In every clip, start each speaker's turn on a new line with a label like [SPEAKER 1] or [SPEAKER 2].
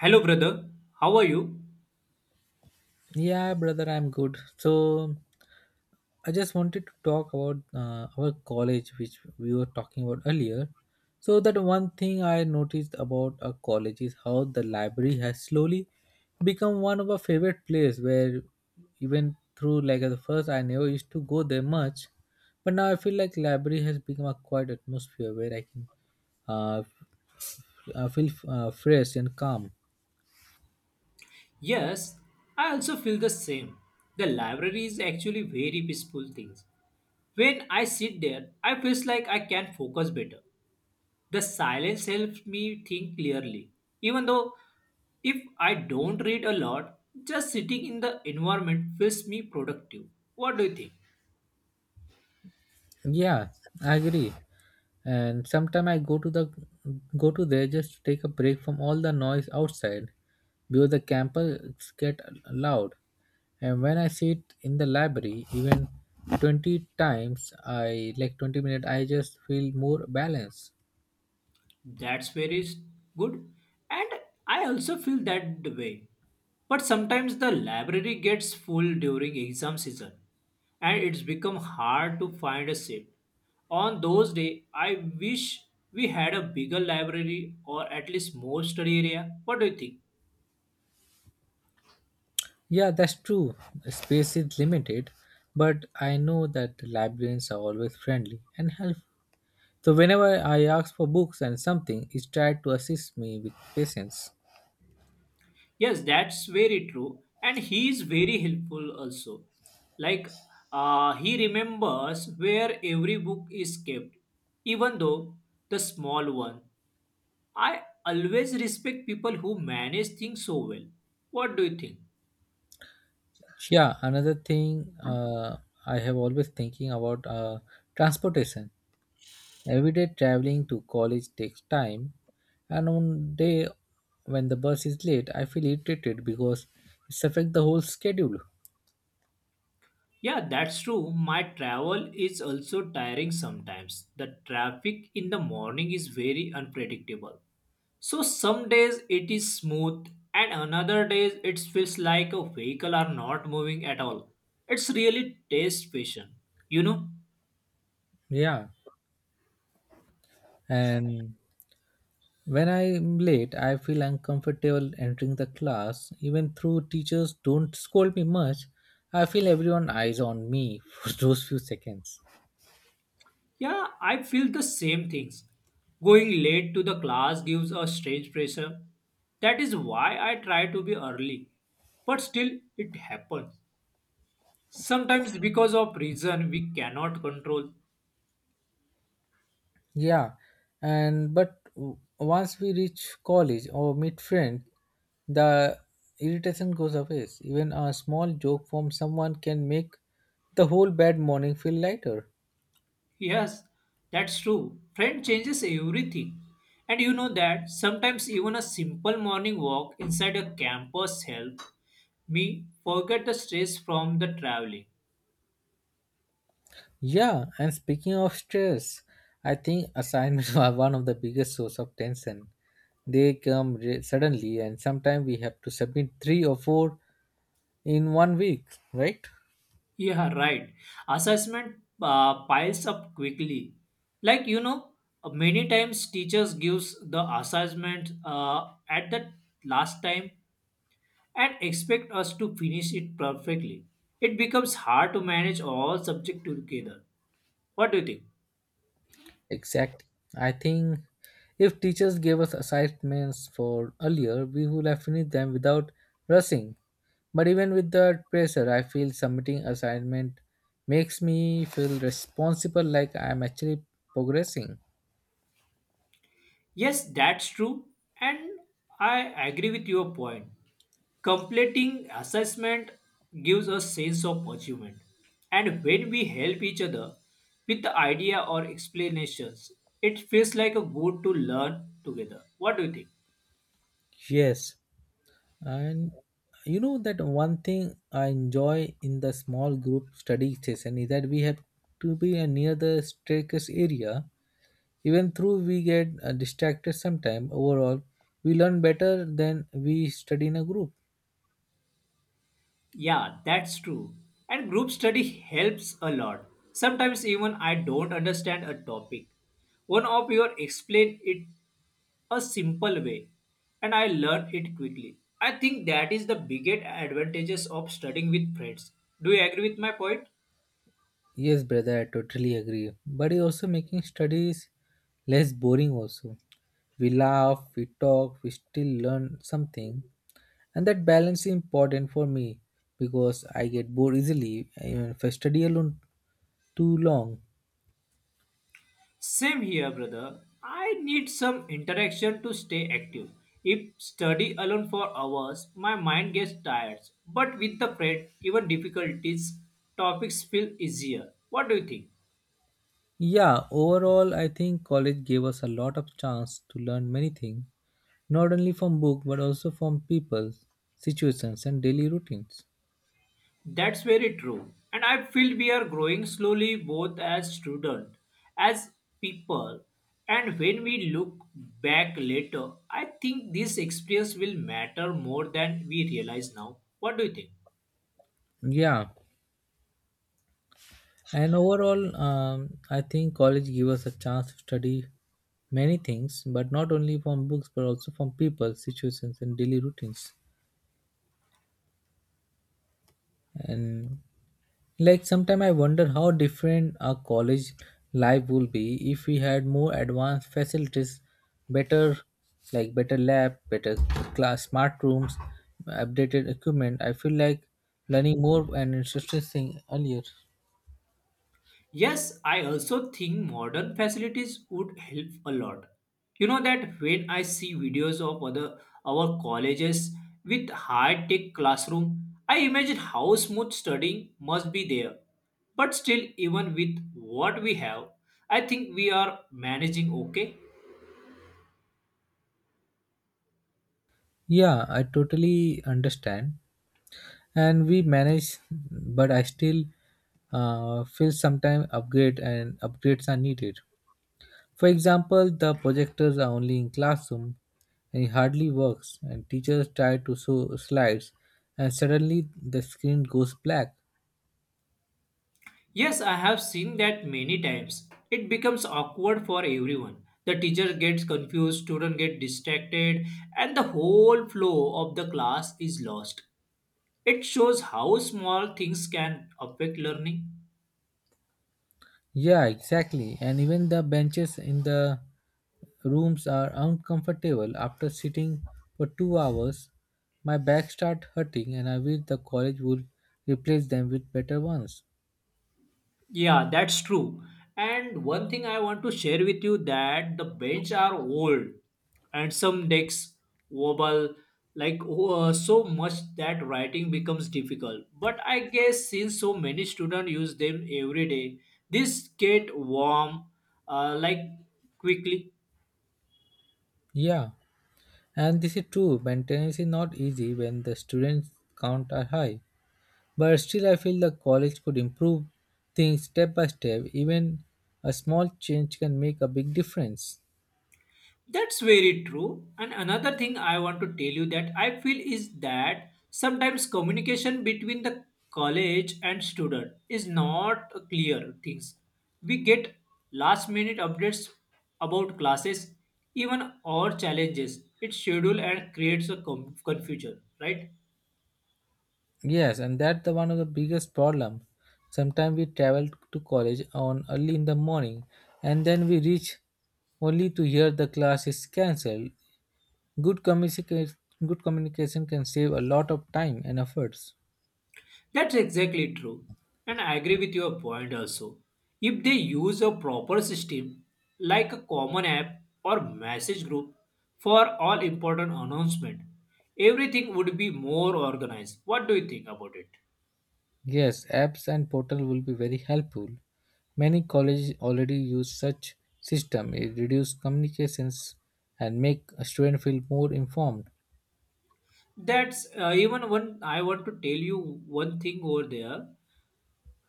[SPEAKER 1] Hello, brother. How are you?
[SPEAKER 2] Yeah, brother, I'm good. So I just wanted to talk about our college, which we were talking about earlier. So that one thing I noticed about our college is how the library has slowly become one of our favorite place, where even through like at the first, I never used to go there much, but now I feel like library has become a quiet atmosphere where I can uh, I feel fresh and calm.
[SPEAKER 1] Yes, I also feel the same. The library is actually very peaceful things. When I sit there, I feels like I can focus better. The silence helps me think clearly. Even though if I don't read a lot, just sitting in the environment feels me productive. What do you think?
[SPEAKER 2] Yeah, I agree. And sometime I go to there just to take a break from all the noise outside because the campus get loud. And when I sit in the library, even 20 times, I like 20 minutes, I just feel more balanced.
[SPEAKER 1] That's very s- Good. And I also feel that way. But sometimes the library gets full during exam season and it's become hard to find a seat. On those days, I wish we had a bigger library or at least more study area. What do you think?
[SPEAKER 2] Yeah, that's true. Space is limited, but I know that librarians are always friendly and helpful. So whenever I ask for books and something, is tried to assist me with patience.
[SPEAKER 1] Yes, that's very true. And he is very helpful also. Like he remembers where every book is kept, even though the small one. I always respect people who manage things so well. What do you think?
[SPEAKER 2] Yeah, another thing I have always thinking about transportation. Everyday traveling to college takes time, and on day when the bus is late, I feel irritated because it's affect the whole schedule.
[SPEAKER 1] Yeah, that's true. My travel is also tiring sometimes. The traffic in the morning is very unpredictable. So some days it is smooth and another days it feels like a vehicle are not moving at all. It's really test patient. You know,
[SPEAKER 2] Yeah, and when I'm late, I feel uncomfortable entering the class. Even though teachers don't scold me much, I feel everyone eyes on me for those few seconds.
[SPEAKER 1] yeah, I feel the same things. Going late to the class gives a strange pressure. That is why I try to be early. But still, it happens. Sometimes because of reason we cannot control.
[SPEAKER 2] Yeah, and but once we reach college or meet friends, the irritation goes away. Even a small joke from someone can make the whole bad morning feel lighter.
[SPEAKER 1] Yes, that's true. Friend changes everything. And you know that sometimes even a simple morning walk inside a campus helps me forget the stress from the traveling.
[SPEAKER 2] Yeah, and speaking of stress, I think assignments are one of the biggest source of tension. They come suddenly, and sometimes we have to submit three or four in one week, right?
[SPEAKER 1] Yeah, right. Assessment piles up quickly. Like you know, many times teachers gives the assessment at the last time and expect us to finish it perfectly. It becomes hard to manage all subject together. What do you think?
[SPEAKER 2] Exactly. I think if teachers gave us assignments for earlier, we would have finished them without rushing. But even with that pressure, I feel submitting assignment makes me feel responsible like I am actually progressing.
[SPEAKER 1] Yes, that's true, and I agree with your point. Completing assessment gives a sense of achievement, and when we help each other with the idea or explanations, it feels like a good to learn together. What do you think?
[SPEAKER 2] Yes. And you know that one thing I enjoy in the small group study session is that we have to be near the staircase area. Even though we get distracted sometime, overall, we learn better than we study in a group.
[SPEAKER 1] Yeah, that's true. And group study helps a lot. Sometimes even I don't understand a topic. One of your explain it a simple way and I learn it quickly. I think that is the biggest advantages of studying with friends. Do you agree with my point?
[SPEAKER 2] Yes, brother, I totally agree. But it's also making studies less boring also. We laugh, we talk, we still learn something. And that balance is important for me because I get bored easily even if I study alone too long.
[SPEAKER 1] Same here, brother. I need some interaction to stay active. If study alone for hours, my mind gets tired. But with the friend, even difficulties, topics feel easier. What do you think?
[SPEAKER 2] Yeah, overall I think college gave us a lot of chance to learn many things, not only from book but also from people, situations and daily routines.
[SPEAKER 1] That's very true. And I feel we are growing slowly both as students, as people. And when we look back later, I think this experience will matter more than we realize now. What do you think?
[SPEAKER 2] Yeah, and overall I think college gives us a chance to study many things, but not only from books but also from people, situations and daily routines. And like sometimes I wonder how different our college life will be if we had more advanced facilities, better, like better lab, better class, smart rooms, updated equipment. I feel like learning more and interesting thing earlier.
[SPEAKER 1] Yes, I also think modern facilities would help a lot. You know that when I see videos of other our colleges with high tech classroom, I imagine how smooth studying must be there. But still, even with what we have, I think we are managing okay.
[SPEAKER 2] Yeah, I totally understand. And we manage, but I still feel sometimes upgrade and upgrades are needed. For example, the projectors are only in classroom and it hardly works and teachers try to show slides and suddenly the screen goes black.
[SPEAKER 1] Yes, I have seen that many times. It becomes awkward for everyone. The teacher gets confused, student get distracted, and the whole flow of the class is lost. It shows how small things can affect learning.
[SPEAKER 2] Yeah, exactly. And even the benches in the rooms are uncomfortable after sitting for 2 hours. My back starts hurting and I wish the college would replace them with better ones.
[SPEAKER 1] Yeah, that's true. And one thing I want to share with you that the bench are old and some decks wobble like so much that writing becomes difficult. But I guess since so many students use them every day, this get warm like quickly.
[SPEAKER 2] Yeah, and this is true. Maintenance is not easy when the students count are high. But still, I feel the college could improve things step by step. Even a small change can make a big difference.
[SPEAKER 1] That's very true. And another thing I want to tell you that I feel is that sometimes communication between the college and student is not clear things. We get last minute updates about classes, even our challenges. It's schedule and creates a confusion, right?
[SPEAKER 2] Yes, and that's the one of the biggest problem. Sometimes we travel to college on early in the morning, and then we reach only to hear the class is cancelled. Good communication, good communication can save a lot of time and efforts.
[SPEAKER 1] That's exactly true. And I agree with your point also. If they use a proper system like a common app or message group for all important announcement, everything would be more organized. What do you think about it?
[SPEAKER 2] Yes, apps and portal will be very helpful. Many colleges already use such system. It reduce communications and make a student feel more informed.
[SPEAKER 1] That's Even one I want to tell you one thing over there.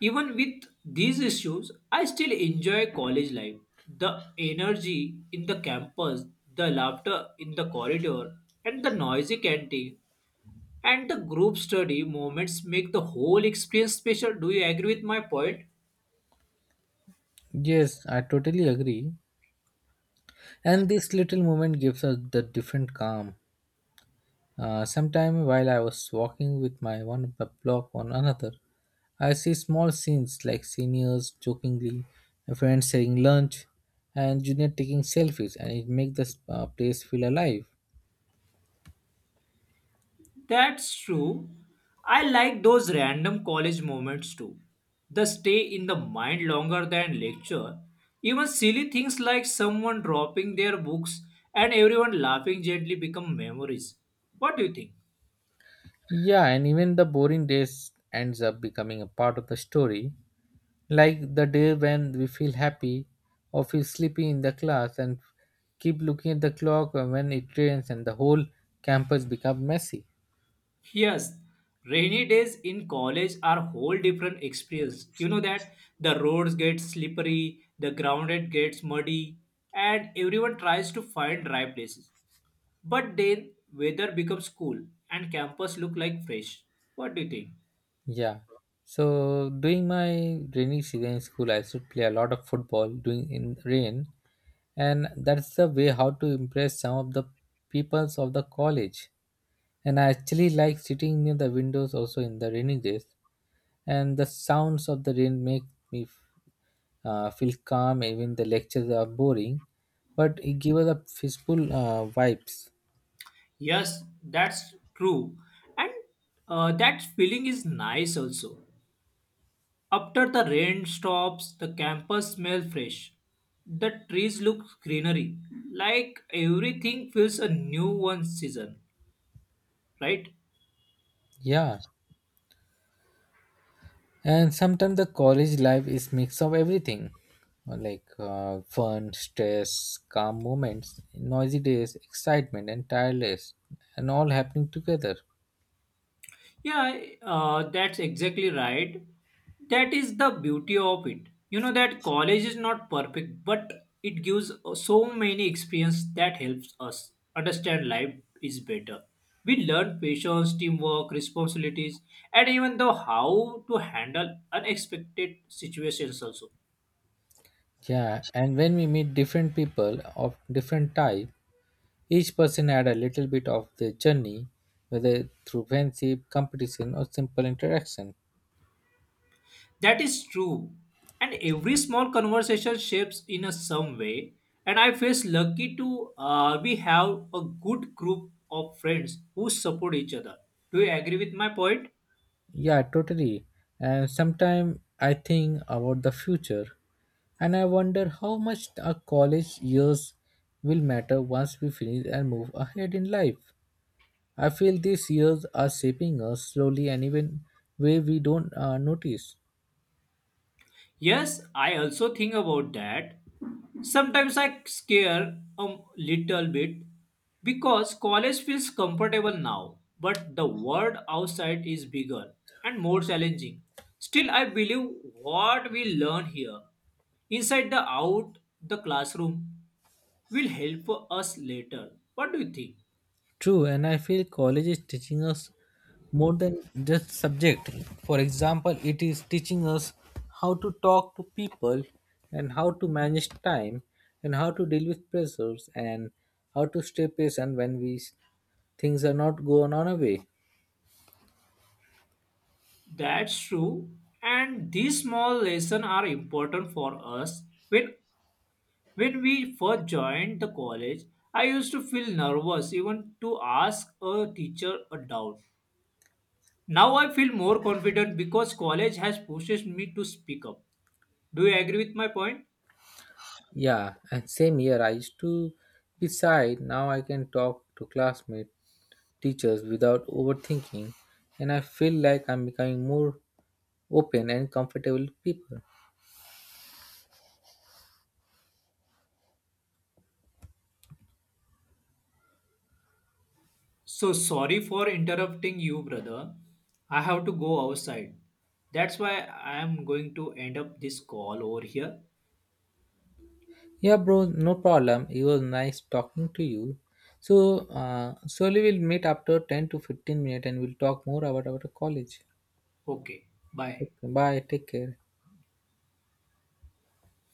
[SPEAKER 1] Even with these issues, I still enjoy college life. The energy in the campus, the laughter in the corridor, and the noisy canteen and the group study moments make the whole experience special. Do you agree with my point?
[SPEAKER 2] Yes, I totally agree. And this little moment gives us the different calm. Sometime while I was walking with my one block on another, I see small scenes like seniors jokingly, friends sharing lunch, and junior taking selfies, and it makes the place feel alive.
[SPEAKER 1] That's true. I like those random college moments too. They stay in the mind longer than lecture. Even silly things like someone dropping their books and everyone laughing gently become memories. What do you think?
[SPEAKER 2] Yeah, and even the boring days ends up becoming a part of the story, like the day when we feel happy or feel sleepy in the class and keep looking at the clock when it rains and the whole campus become messy.
[SPEAKER 1] Yes, rainy days in college are whole different experience. You know that the roads get slippery, the ground it gets muddy, and everyone tries to find dry places. But then weather becomes cool and campus look like fresh. What do you think?
[SPEAKER 2] Yeah. So during my rainy season in school, I should play a lot of football during in rain, and that's the way how to impress some of the peoples of the college. And I actually like sitting near the windows also in the rainy days and the sounds of the rain make me feel calm even the lectures are boring, but it gives us a peaceful vibes.
[SPEAKER 1] Yes, that's true, and that feeling is nice also. After the rain stops, the campus smells fresh. The trees look greenery, like everything feels a new one season, right?
[SPEAKER 2] Yeah, and sometimes the college life is mix of everything, like fun, stress, calm moments, noisy days, excitement and tireless, and all happening together.
[SPEAKER 1] Yeah, that's exactly right. That is the beauty of it. You know that college is not perfect, but it gives so many experience that helps us understand life is better. We learn patience, teamwork, responsibilities, and even though how to handle unexpected situations also.
[SPEAKER 2] Yeah, and when we meet different people of different type, each person had a little bit of their journey, whether through friendship, competition, or simple interaction.
[SPEAKER 1] That is true. And every small conversation shapes in a some way. And I feel lucky to we have a good group of friends who support each other. Do you agree with my point?
[SPEAKER 2] Yeah, totally. And sometimes I think about the future and I wonder how much our college years will matter once we finish and move ahead in life. I feel these years are shaping us slowly and even way we don't notice.
[SPEAKER 1] Yes, I also think about that. Sometimes I scare a little bit because college feels comfortable now, but the world outside is bigger and more challenging. Still, I believe what we learn here, inside the out the classroom, will help us later. What do you think?
[SPEAKER 2] True, and I feel college is teaching us more than just subject. For example, it is teaching us how to talk to people and how to manage time and how to deal with pressures and how to stay patient when we things are not going on our way.
[SPEAKER 1] That's true, and these small lessons are important for us when When we first joined the college, I used to feel nervous even to ask a teacher a doubt. Now I feel more confident because college has pushed me to speak up. Do you agree with my point?
[SPEAKER 2] Yeah, and same here. I used to be shy. Now I can talk to classmates, teachers without overthinking, and I feel like I'm becoming more open and comfortable with people.
[SPEAKER 1] So sorry for interrupting you, brother. I have to go outside. That's why I am going to end up this call over here.
[SPEAKER 2] Yeah, bro, no problem. It was nice talking to you. So, surely we'll meet after 10 to 15 minutes and we'll talk more about our college.
[SPEAKER 1] Okay, bye.
[SPEAKER 2] Okay, bye. Take care.